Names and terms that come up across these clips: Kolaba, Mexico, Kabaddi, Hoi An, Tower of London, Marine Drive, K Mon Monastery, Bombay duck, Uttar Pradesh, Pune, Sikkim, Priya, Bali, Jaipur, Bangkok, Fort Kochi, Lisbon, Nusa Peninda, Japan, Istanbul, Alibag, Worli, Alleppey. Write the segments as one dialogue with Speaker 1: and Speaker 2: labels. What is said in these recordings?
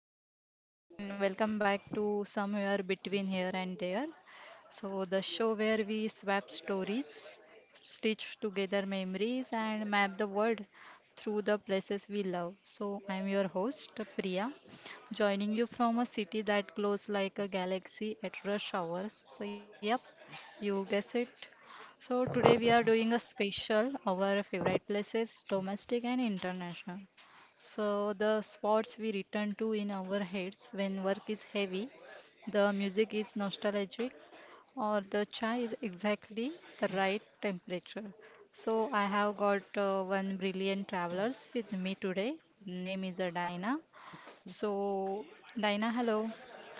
Speaker 1: Okay, hello and welcome back to Somewhere Between Here and There. The show where we swap stories, stitch together memories, and map the world through the places we love. I'm your host, Priya, joining you from a city that glows like a galaxy at rush hours. So, yep, you guess it. So, today we are doing a special, our favorite places, domestic and international. The spots we return to in our heads when work is heavy, the music is nostalgic, or the chai is exactly the right temperature. So, I have got one brilliant travelers with me today. Name is Dina. So, Dina, hello.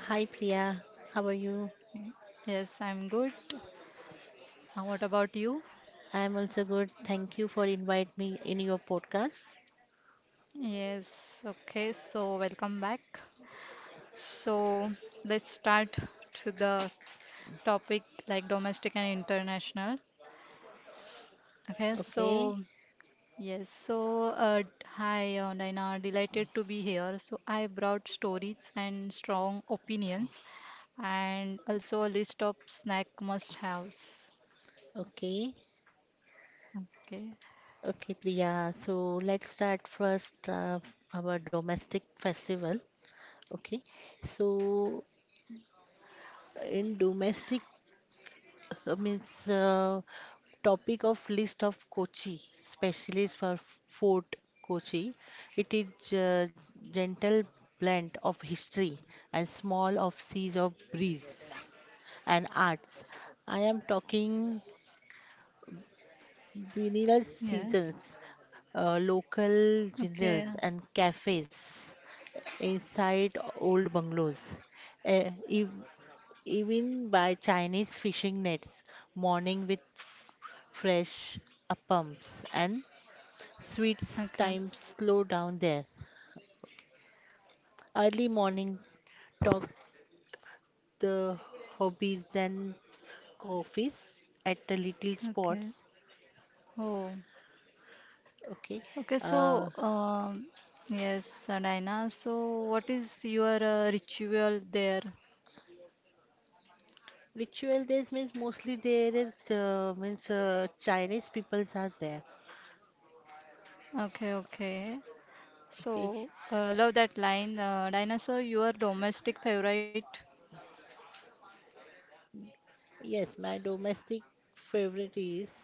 Speaker 2: Hi Priya, how are you?
Speaker 1: Yes, I'm good. What about you?
Speaker 2: I'm also good. Thank you for invite me in your podcast.
Speaker 1: Yes, okay. So, welcome back. So, let's start to the topic like domestic and international. Okay,
Speaker 2: Okay,
Speaker 1: so yes, so hi Naina, delighted to be here. So I brought stories and strong opinions, and also a list of snack must-haves.
Speaker 2: okay,
Speaker 1: Okay.
Speaker 2: okay, Priya. So let's start first our domestic festival. Okay, so in domestic means uh, topic of list of Kochi, specialist for Fort Kochi. It is a gentle blend of history and small of seas of breeze. And arts. I am talking vinyl
Speaker 1: Yes.
Speaker 2: seasons, local
Speaker 1: Okay.
Speaker 2: generals and cafes inside old bungalows, eh, ev- even by Chinese fishing nets, morning with fresh appams and sweets.
Speaker 1: Okay.
Speaker 2: Time slow down there. Early morning talk the hobbies then coffees at the little
Speaker 1: Okay.
Speaker 2: spots.
Speaker 1: Oh.
Speaker 2: Okay.
Speaker 1: Okay. So,
Speaker 2: Uh,
Speaker 1: yes, Adaina. So, what is your ritual there?
Speaker 2: Ritual days means mostly there is means Chinese peoples are there.
Speaker 1: Okay. Okay.
Speaker 2: Okay.
Speaker 1: So, love that line. Dinosaur, your domestic favorite?
Speaker 2: Yes, my domestic favorite is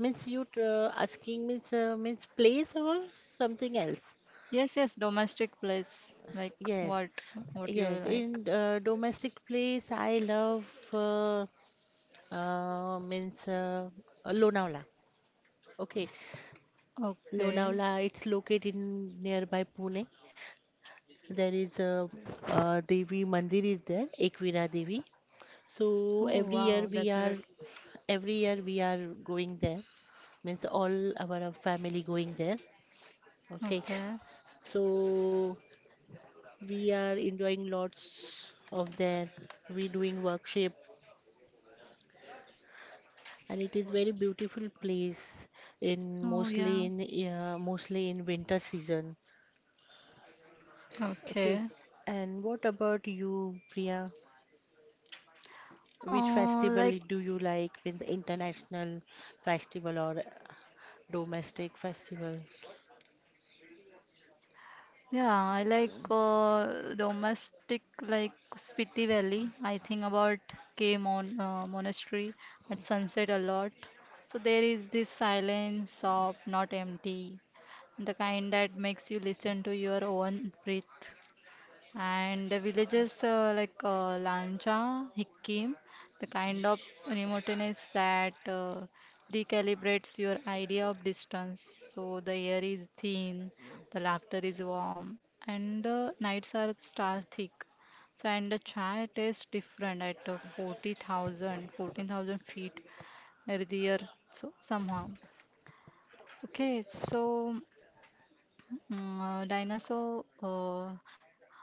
Speaker 2: means you asking means means place or something else.
Speaker 1: Yes, yes, domestic place. Like what?
Speaker 2: Yes,
Speaker 1: What you
Speaker 2: yes.
Speaker 1: like?
Speaker 2: In domestic place, I love means Lonavala. Okay,
Speaker 1: Okay.
Speaker 2: Lonavala. It's located in nearby Pune. There is a, Devi Mandir is there, Ekvira Devi. So
Speaker 1: Oh, wow, that's great.
Speaker 2: every year we are going there. Means all our family going there. Okay.
Speaker 1: Okay.
Speaker 2: So we are enjoying lots of there. We doing workshop and it is very beautiful place in
Speaker 1: Oh,
Speaker 2: mostly
Speaker 1: yeah.
Speaker 2: in mostly in winter season. Okay.
Speaker 1: Okay.
Speaker 2: And what about you, Priya? Which
Speaker 1: Uh, like
Speaker 2: festival do you like with international festival or domestic festival?
Speaker 1: Yeah, I like domestic like Spiti Valley. I think about K Mon Monastery at sunset a lot. So there is this silence of not empty, the kind that makes you listen to your own breath. And the villages Lancha, Hikkim, the kind of remoteness that recalibrates your idea of distance. So the air is thin, the laughter is warm, and the nights are star thick. So and the chai tastes different at 40,000, 14,000 feet earlier. So somehow. Okay, so dinosaur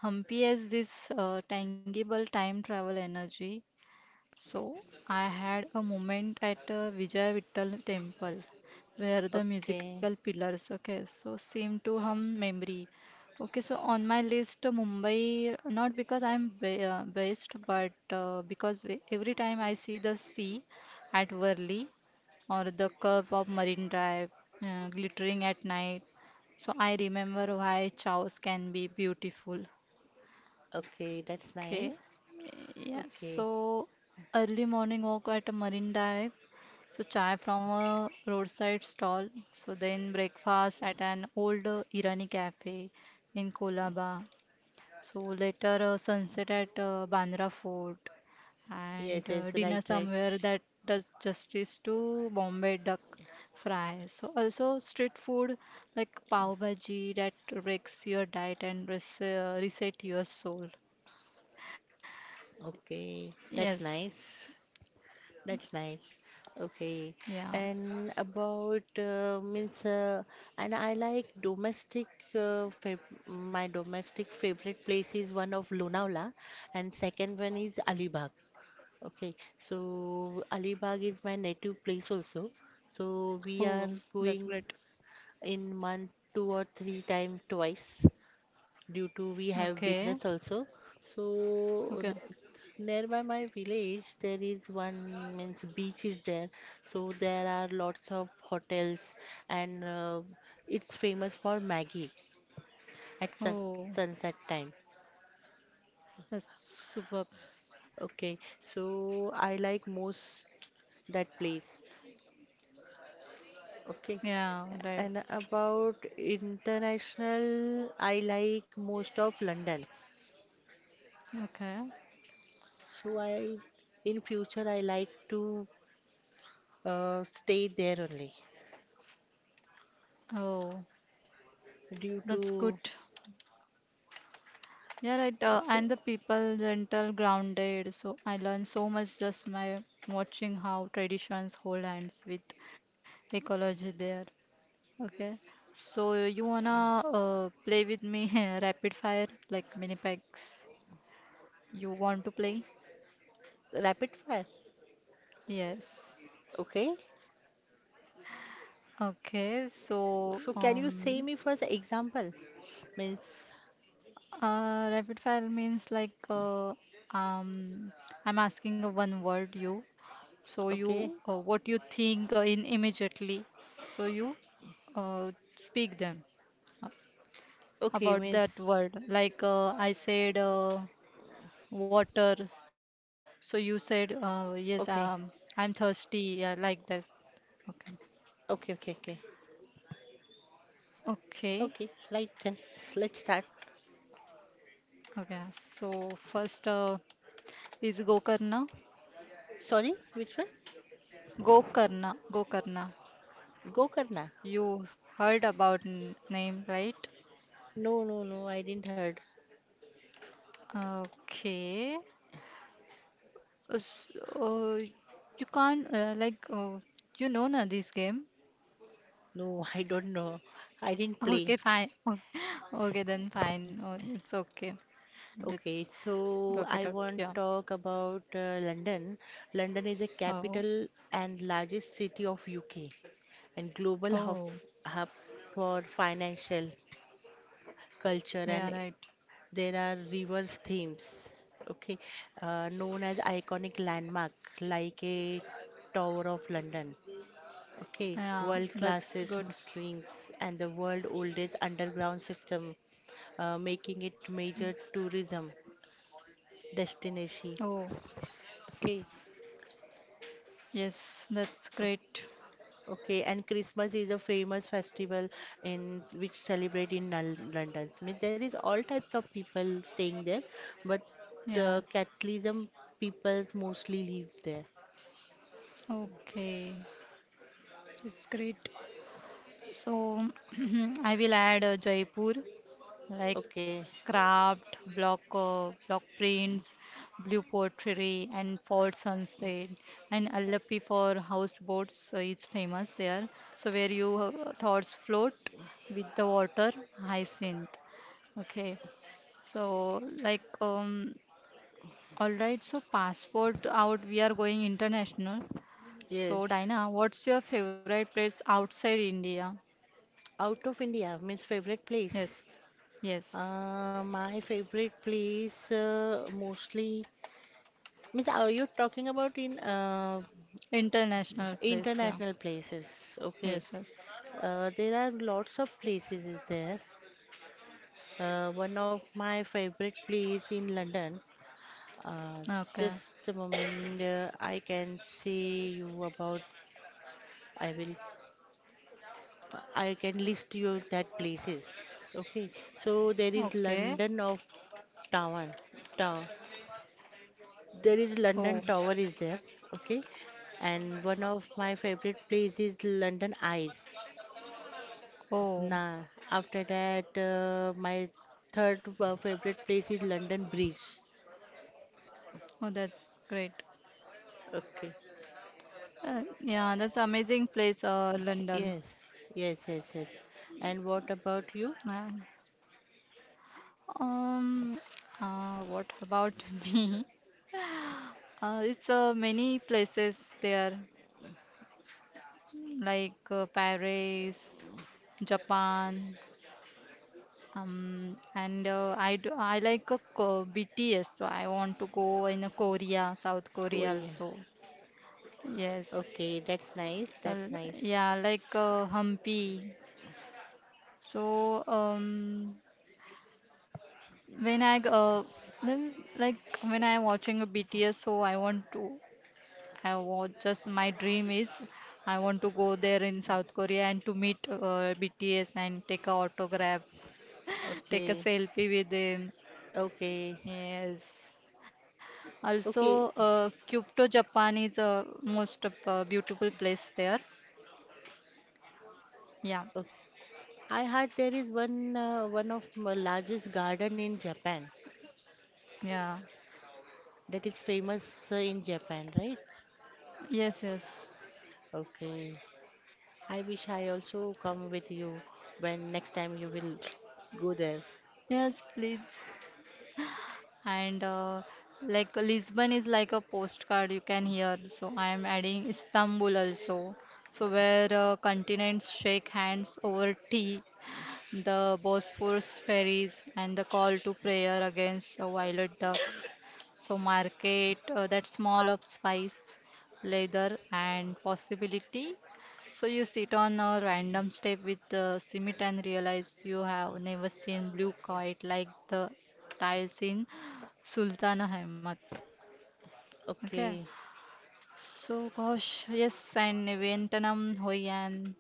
Speaker 1: Humpy has this tangible time travel energy. So I had a moment at Vijay Vittal temple where the musical
Speaker 2: Okay,
Speaker 1: pillars, okay, so seem to hum memory. Okay, so on my list, Mumbai, not because I'm ba based, but because every time I see the sea at Worli or the curve of Marine Drive glittering at night, so I remember why chows can be beautiful.
Speaker 2: okay, that's
Speaker 1: Okay.
Speaker 2: nice.
Speaker 1: Yeah.
Speaker 2: Okay,
Speaker 1: So early morning walk at a marine dive. So chai from a roadside stall. So then breakfast at an old Irani cafe in Kolaba. So later sunset at Bandra Fort
Speaker 2: yes,
Speaker 1: and
Speaker 2: yes,
Speaker 1: dinner
Speaker 2: right, right.
Speaker 1: somewhere that does justice to Bombay duck fry. So also street food like pav bhaji that breaks your diet and reset your soul.
Speaker 2: Okay,
Speaker 1: Yes.
Speaker 2: that's nice. That's nice. Okay,
Speaker 1: Yeah.
Speaker 2: and about and I like domestic. Fav My domestic favorite place is one of Lonavala, and second one is Alibag. Okay, so Alibag is my native place also. So we are
Speaker 1: Oh, that's
Speaker 2: going
Speaker 1: great.
Speaker 2: in month two or three time twice. Due to we have
Speaker 1: Okay.
Speaker 2: business also. So
Speaker 1: Okay.
Speaker 2: r- nearby my village there is one means beach is there. So there are lots of hotels and it's famous for Maggie at
Speaker 1: Oh,
Speaker 2: sunset time.
Speaker 1: that's superb.
Speaker 2: Okay, so I like most that place. Okay.
Speaker 1: Yeah, right.
Speaker 2: And about international, I like most of London.
Speaker 1: Okay.
Speaker 2: So I in future I like to stay there only
Speaker 1: Oh,
Speaker 2: due
Speaker 1: that's good.
Speaker 2: to
Speaker 1: Yeah, right.
Speaker 2: so
Speaker 1: And the people gentle, grounded. So I learned so much just my watching how traditions hold hands with ecology there. Okay. So you wanna play with me rapid fire like mini packs? You want to play?
Speaker 2: rapid fire.
Speaker 1: Yes.
Speaker 2: Okay.
Speaker 1: Okay, so
Speaker 2: So can you say me for the example? Means
Speaker 1: rapid fire means like um, I'm asking a one word you. So
Speaker 2: okay.
Speaker 1: you, what you think in immediately. So you speak them uh,
Speaker 2: Okay
Speaker 1: about
Speaker 2: means
Speaker 1: that word. Like I said, water. So you said,
Speaker 2: okay.
Speaker 1: yes, I'm thirsty. Yeah, like this. Okay.
Speaker 2: Okay. Okay.
Speaker 1: Okay.
Speaker 2: Right then. Let's start.
Speaker 1: Okay. So first is Gokarna.
Speaker 2: Sorry, which one?
Speaker 1: Gokarna.
Speaker 2: Go Karna.
Speaker 1: You heard about name, right?
Speaker 2: No. I didn't heard.
Speaker 1: Okay. S- Uh, you can't you know na this game.
Speaker 2: No, I don't know. I didn't
Speaker 1: Okay,
Speaker 2: play.
Speaker 1: fine. Okay, okay then fine. Oh, it's okay. Let's
Speaker 2: Okay, so
Speaker 1: drop it
Speaker 2: I
Speaker 1: up.
Speaker 2: want to
Speaker 1: Yeah.
Speaker 2: talk about London. London is a
Speaker 1: Oh.
Speaker 2: capital and largest city of UK. And global hub,
Speaker 1: Oh.
Speaker 2: hub for financial, culture,
Speaker 1: Yeah.
Speaker 2: and
Speaker 1: Right.
Speaker 2: there are reverse themes, okay, known as iconic landmark like a Tower of London. Okay,
Speaker 1: Yeah.
Speaker 2: world
Speaker 1: That's
Speaker 2: classes
Speaker 1: good.
Speaker 2: Muslims and the world oldest underground system, making it major tourism destination.
Speaker 1: Oh.
Speaker 2: Okay,
Speaker 1: Yes. That's great.
Speaker 2: okay, and Christmas is a famous festival in which celebrate in London. Means there is all types of people staying there, but
Speaker 1: Yeah.
Speaker 2: Catholicism peoples mostly live there.
Speaker 1: Okay. That's great. So I will add Jaipur, like
Speaker 2: Okay,
Speaker 1: for craft, block prints, blue pottery, and fort sunset, and Alleppey for houseboats is famous there. So where you thoughts float with the water hyacinth. Okay, so like all right. So passport out. We are going international.
Speaker 2: yes.
Speaker 1: So Dina, what's your favorite place outside India?
Speaker 2: Out of India means favorite place.
Speaker 1: Yes. Yes.
Speaker 2: My favorite place mostly means are you talking about in
Speaker 1: International place. Yeah.
Speaker 2: international places? Okay,
Speaker 1: Yes. Yes.
Speaker 2: there are lots of places is there. One of my favorite place in London. Uh,
Speaker 1: Okay.
Speaker 2: just a moment, I can say you about. I will. I can list you that places. Okay. So there is
Speaker 1: Okay.
Speaker 2: London of Tower. Tower. There is London
Speaker 1: Oh.
Speaker 2: Tower is there. Okay. And one of my favorite place is London Eyes.
Speaker 1: Oh.
Speaker 2: Nah, after that, my third favorite place is London Bridge.
Speaker 1: Oh, that's great.
Speaker 2: Okay.
Speaker 1: Yeah, that's amazing place,
Speaker 2: Yes,
Speaker 1: London.
Speaker 2: yes. And what about you?
Speaker 1: Man. Um, what about me? It's many places there, like Paris, Japan, and I like a co BTS, so I want to go in a South Korea
Speaker 2: Korea.
Speaker 1: also. Yes,
Speaker 2: Okay, that's nice.
Speaker 1: well,
Speaker 2: That's nice.
Speaker 1: yeah, like Hampi. So when I g- then, like when I'm watching a BTS, so I want just my dream is I want to go there in South Korea and to meet BTS and take a autograph, take a
Speaker 2: Okay,
Speaker 1: selfie with them.
Speaker 2: okay,
Speaker 1: Yes.
Speaker 2: okay,
Speaker 1: Also, Kyoto, Japan is a most of, beautiful place there. Yeah,
Speaker 2: okay. I heard there is one of largest garden in Japan
Speaker 1: yeah,
Speaker 2: that is famous in Japan, right?
Speaker 1: yes, yes,
Speaker 2: Okay. I wish I also come with you when next time you will go there.
Speaker 1: yes, please. And Lisbon is like a postcard you can hear. So I am adding Istanbul also. So where continents shake hands over tea the Bosphorus ferries, and the call to prayer against violet ducks. So, market that small of spice, leather, and possibility. So, you sit on a random step with the cement and realize you have never seen blue kite like the tiles in Sultan Ahmed. Okay.
Speaker 2: Okay,
Speaker 1: So, gosh, yes, and Vietnam, Hoi An,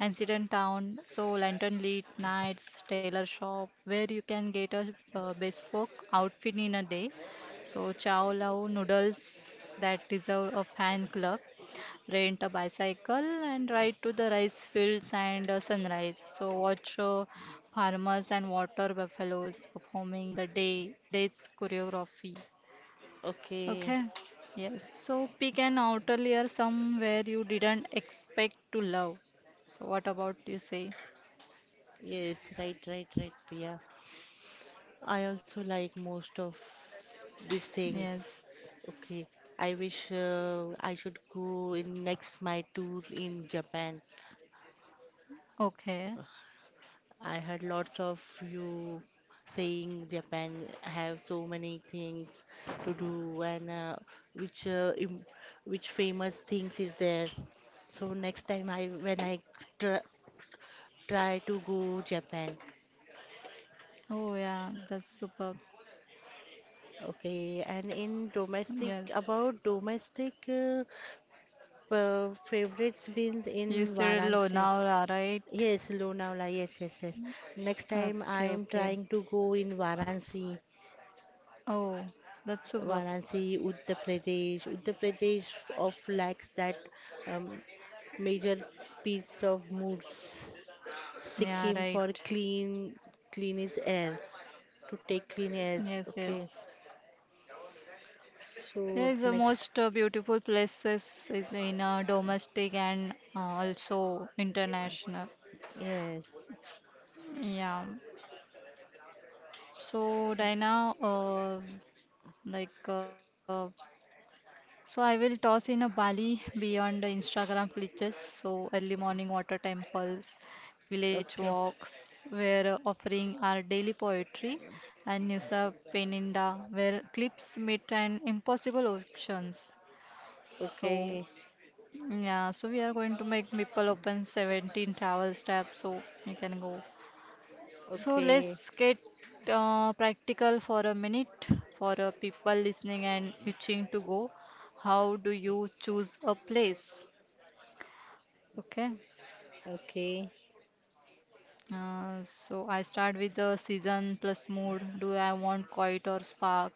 Speaker 1: and Town. So, lantern lit nights, tailor shop, where you can get a bespoke outfit in a day. So, chow lao noodles that deserve a fan club. Rent a bicycle and ride to the rice fields and sunrise. So, watch farmers and water buffaloes performing the day's choreography.
Speaker 2: okay.
Speaker 1: Okay. Yes. So pick an outer layer somewhere you didn't expect to love. So what about you say?
Speaker 2: Yes, right, right, right, Priya. I also like most of these things.
Speaker 1: Yes.
Speaker 2: Okay, I wish I should go in next my tour in Japan.
Speaker 1: Okay.
Speaker 2: I heard lots of you saying Japan have so many things to do and which uh, im- which famous things is there. So next time I when I tr try to go Japan.
Speaker 1: Oh yeah, that's superb.
Speaker 2: Okay, and in domestic
Speaker 1: Yes.
Speaker 2: about domestic. Favorites beans
Speaker 1: You
Speaker 2: in
Speaker 1: said
Speaker 2: Varanasi.
Speaker 1: Lonavala, right?
Speaker 2: Yes, Lonavala. Yes, yes, yes. Next time I
Speaker 1: Okay,
Speaker 2: am
Speaker 1: okay.
Speaker 2: trying to go in Varanasi,
Speaker 1: Oh, that's superb.
Speaker 2: Varanasi, Uttar Pradesh. Uttar Pradesh of lacks that um, major piece of moods. Sikkim
Speaker 1: Yeah,
Speaker 2: for
Speaker 1: right.
Speaker 2: clean is air. To take clean air.
Speaker 1: Yes,
Speaker 2: Okay.
Speaker 1: yes. Yeah,
Speaker 2: So
Speaker 1: it's the
Speaker 2: next,
Speaker 1: most beautiful places is in domestic and also international.
Speaker 2: yes.
Speaker 1: Yeah. So, Dina, like, uh, so I will toss in a Bali beyond the Instagram glitches. So, early morning water temples, village
Speaker 2: Okay.
Speaker 1: walks, where offering our daily poetry, and Nusa Peninda, where clips meet and impossible options. So,
Speaker 2: Okay,
Speaker 1: yeah, so we are going to make people open 17 travel tabs. So, you can go. So
Speaker 2: okay,
Speaker 1: let's get practical for a minute for people listening and itching to go. How do you choose a place? Okay.
Speaker 2: okay,
Speaker 1: Uh, so I start with the season plus mood. Do I want quiet or spark?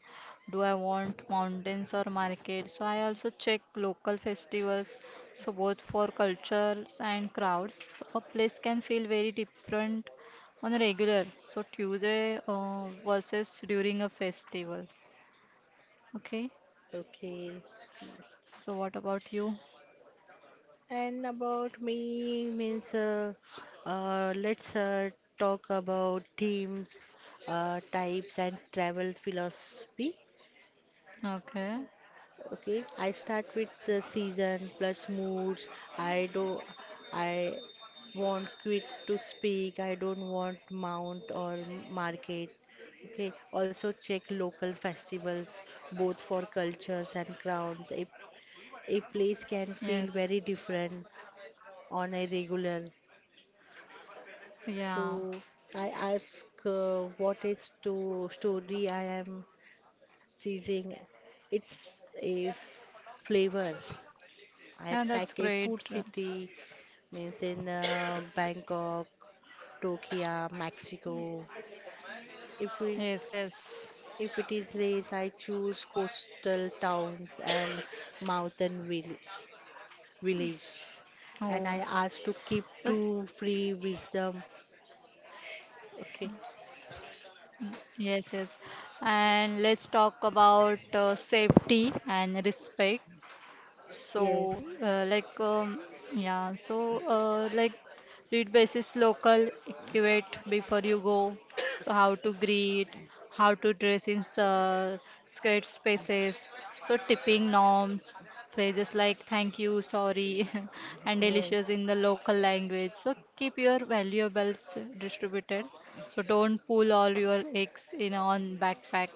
Speaker 1: Do I want mountains or market? So I also check local festivals. So both for cultures and crowds, a place can feel very different on a regular. So Tuesday versus during a festival. Okay.
Speaker 2: okay.
Speaker 1: So what about you?
Speaker 2: And about me means let's talk about teams, types, and travel philosophy.
Speaker 1: Okay.
Speaker 2: Okay, I start with the season plus moods. I do, I want quit to speak. I don't want mount or market. Okay, also check local festivals, both for cultures and crowds. A place can feel
Speaker 1: Yes.
Speaker 2: very different on a regular.
Speaker 1: Yeah.
Speaker 2: So I ask what is to story I am choosing. It's a flavor. I
Speaker 1: Yeah,
Speaker 2: pack a
Speaker 1: that's
Speaker 2: food
Speaker 1: great.
Speaker 2: city, means in Bangkok, Tokyo, Mexico. If we
Speaker 1: Yes, yes.
Speaker 2: if it is race, I choose coastal towns and mountain village. And
Speaker 1: Oh,
Speaker 2: I ask to keep
Speaker 1: that's
Speaker 2: two free wisdom. Okay.
Speaker 1: yes, yes. And let's talk about safety and respect. So,
Speaker 2: Yes.
Speaker 1: yeah, so, read basis local equate before you go. So, how to greet, how to dress in skirt spaces. So, tipping norms, phrases like thank you, sorry, and
Speaker 2: Yes.
Speaker 1: delicious in the local language. So, keep your valuables distributed. So, don't pull all your eggs in on backpack.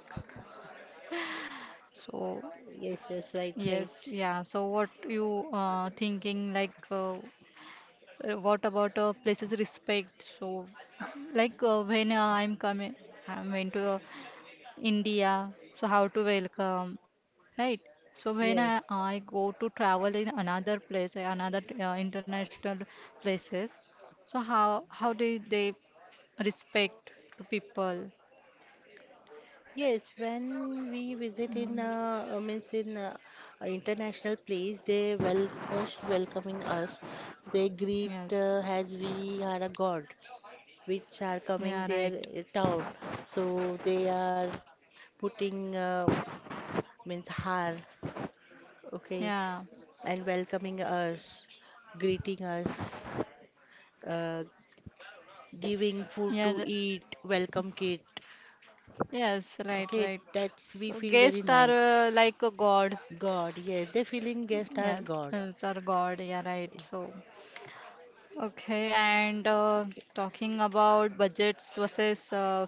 Speaker 1: So,
Speaker 2: Yes, yes, right, right.
Speaker 1: yes, yeah. So what you thinking like what about places respect? So like when I'm coming, I'm went to India. So how to welcome, right? So when
Speaker 2: Yes,
Speaker 1: I go to travel in another place, another international places, so how do they respect to people?
Speaker 2: yes. When we visit in, means in international place, they well most welcoming us. They greet
Speaker 1: Yes.
Speaker 2: as we are a god, which are coming
Speaker 1: Yeah, right.
Speaker 2: their town. So they are putting means har, okay,
Speaker 1: Yeah.
Speaker 2: and welcoming us, greeting us, uh, giving food
Speaker 1: Yeah.
Speaker 2: to
Speaker 1: th-
Speaker 2: eat, welcome kit.
Speaker 1: Yes, right,
Speaker 2: Okay,
Speaker 1: right.
Speaker 2: that's we
Speaker 1: So
Speaker 2: feel very
Speaker 1: guests are
Speaker 2: nice.
Speaker 1: like a god.
Speaker 2: God, yes, the feeling guests are
Speaker 1: Yes,
Speaker 2: gods.
Speaker 1: it's our god. Yeah, right. So okay, and
Speaker 2: Okay.
Speaker 1: talking about budgets versus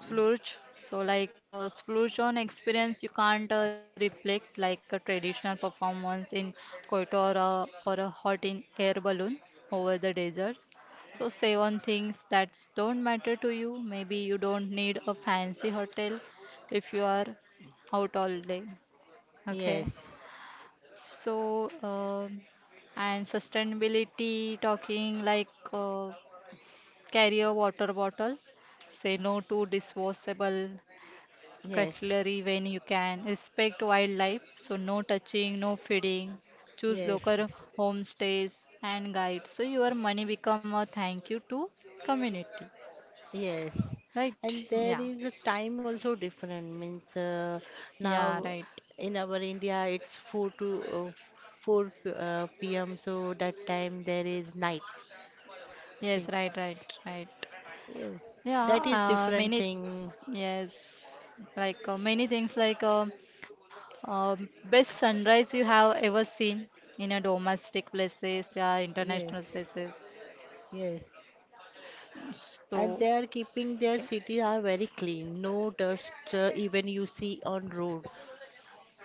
Speaker 1: splurge so like splurge on experience you can't reflect like a traditional performance in Kyoto or a hot in air balloon over the desert so save on things that don't matter to you maybe you don't need a fancy hotel if you are out all day okay
Speaker 2: Yes,
Speaker 1: so and sustainability talking like carry a water bottle say no to disposable
Speaker 2: yes,
Speaker 1: cutlery when you can. Respect wildlife, so no touching, no feeding. Choose
Speaker 2: yes,
Speaker 1: local homestays and guides. So your money become a thank you to community.
Speaker 2: yes.
Speaker 1: Right?
Speaker 2: And there
Speaker 1: Yeah.
Speaker 2: is a time also different. Means
Speaker 1: Yeah,
Speaker 2: now
Speaker 1: right.
Speaker 2: in our India it's four p.m. So that time there is night.
Speaker 1: Yes,
Speaker 2: Okay.
Speaker 1: right, right, right.
Speaker 2: Yes,
Speaker 1: Yeah,
Speaker 2: that is different
Speaker 1: many,
Speaker 2: thing.
Speaker 1: yes, like many things like uh, best sunrise you have ever seen in a domestic places, yeah, international
Speaker 2: Yes,
Speaker 1: spaces.
Speaker 2: yes,
Speaker 1: So,
Speaker 2: and they are keeping
Speaker 1: okay.
Speaker 2: their cities are very clean, no dust even you see on road.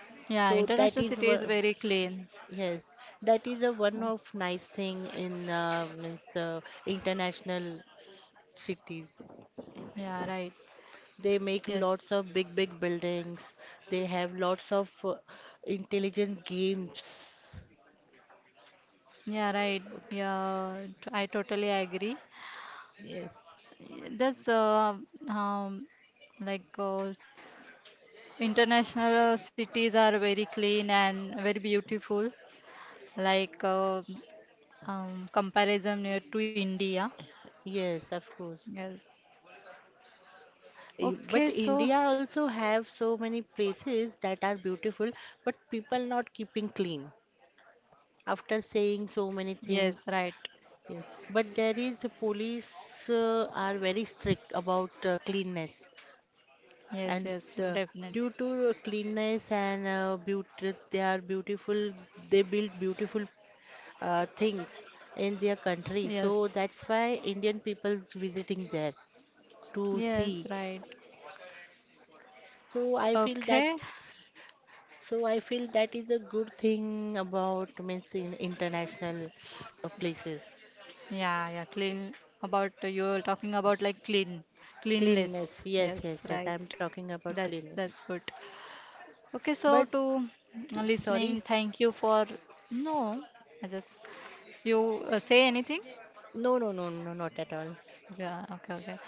Speaker 1: Yeah,
Speaker 2: So
Speaker 1: international
Speaker 2: that
Speaker 1: city
Speaker 2: is
Speaker 1: is
Speaker 2: one,
Speaker 1: very clean.
Speaker 2: yes, that is a
Speaker 1: Uh,
Speaker 2: one of nice thing in means international cities.
Speaker 1: Yeah, right.
Speaker 2: They make lots
Speaker 1: Yes.
Speaker 2: of big big buildings. They have lots of intelligent games.
Speaker 1: Yeah, right.
Speaker 2: Okay.
Speaker 1: I totally agree.
Speaker 2: Yes,
Speaker 1: That's um, like international cities are very clean and very beautiful. Like comparison near to India.
Speaker 2: yes, of course.
Speaker 1: Yes. Okay,
Speaker 2: But
Speaker 1: so
Speaker 2: India also have so many places that are beautiful, but people not keeping clean. After saying so many
Speaker 1: yes,
Speaker 2: things.
Speaker 1: right.
Speaker 2: Yes. But there is the police are very strict about cleanness,
Speaker 1: Yes,
Speaker 2: and
Speaker 1: yes,
Speaker 2: uh,
Speaker 1: definitely.
Speaker 2: due to cleanness and beauty, they are beautiful. They build beautiful things in their country, so
Speaker 1: Yes.
Speaker 2: that's why Indian people visiting there to
Speaker 1: Yes,
Speaker 2: see.
Speaker 1: right.
Speaker 2: So I feel that.
Speaker 1: Okay.
Speaker 2: So I feel that is a good thing about means in international places.
Speaker 1: Yeah, yeah, clean. About you're talking about like clean, cleanless.
Speaker 2: Cleanness, yes,
Speaker 1: Yes,
Speaker 2: yes, yes. I'm
Speaker 1: right.
Speaker 2: talking about cleanness.
Speaker 1: That's good. Okay, so
Speaker 2: But
Speaker 1: to
Speaker 2: sorry,
Speaker 1: listening, thank you
Speaker 2: s-
Speaker 1: for no. I just you say anything.
Speaker 2: no, no, no, no, not at all.
Speaker 1: Yeah, okay, okay.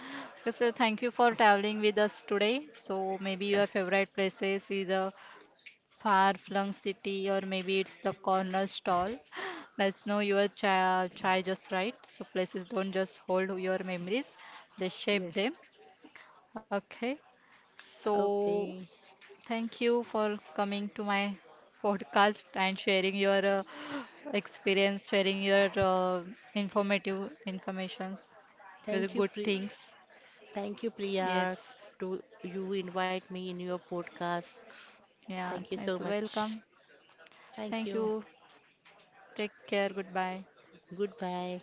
Speaker 1: Okay, so thank you for traveling with us today. So maybe your favorite places is a far-flung city, or maybe it's the corner stall. Let's know your chai just right. So places don't just hold your memories; they
Speaker 2: Yeah.
Speaker 1: shape them. Okay. So
Speaker 2: Okay.
Speaker 1: thank you for coming to my podcast and sharing your experience, sharing your informative informations, your
Speaker 2: Thank you,
Speaker 1: good
Speaker 2: Pri-
Speaker 1: things.
Speaker 2: thank you, Priya,
Speaker 1: Yes.
Speaker 2: to you invite me in your podcast.
Speaker 1: Yeah,
Speaker 2: Thank you so
Speaker 1: it's
Speaker 2: much.
Speaker 1: welcome.
Speaker 2: Thank
Speaker 1: Thank
Speaker 2: you.
Speaker 1: you. Take care. Goodbye.
Speaker 2: Goodbye.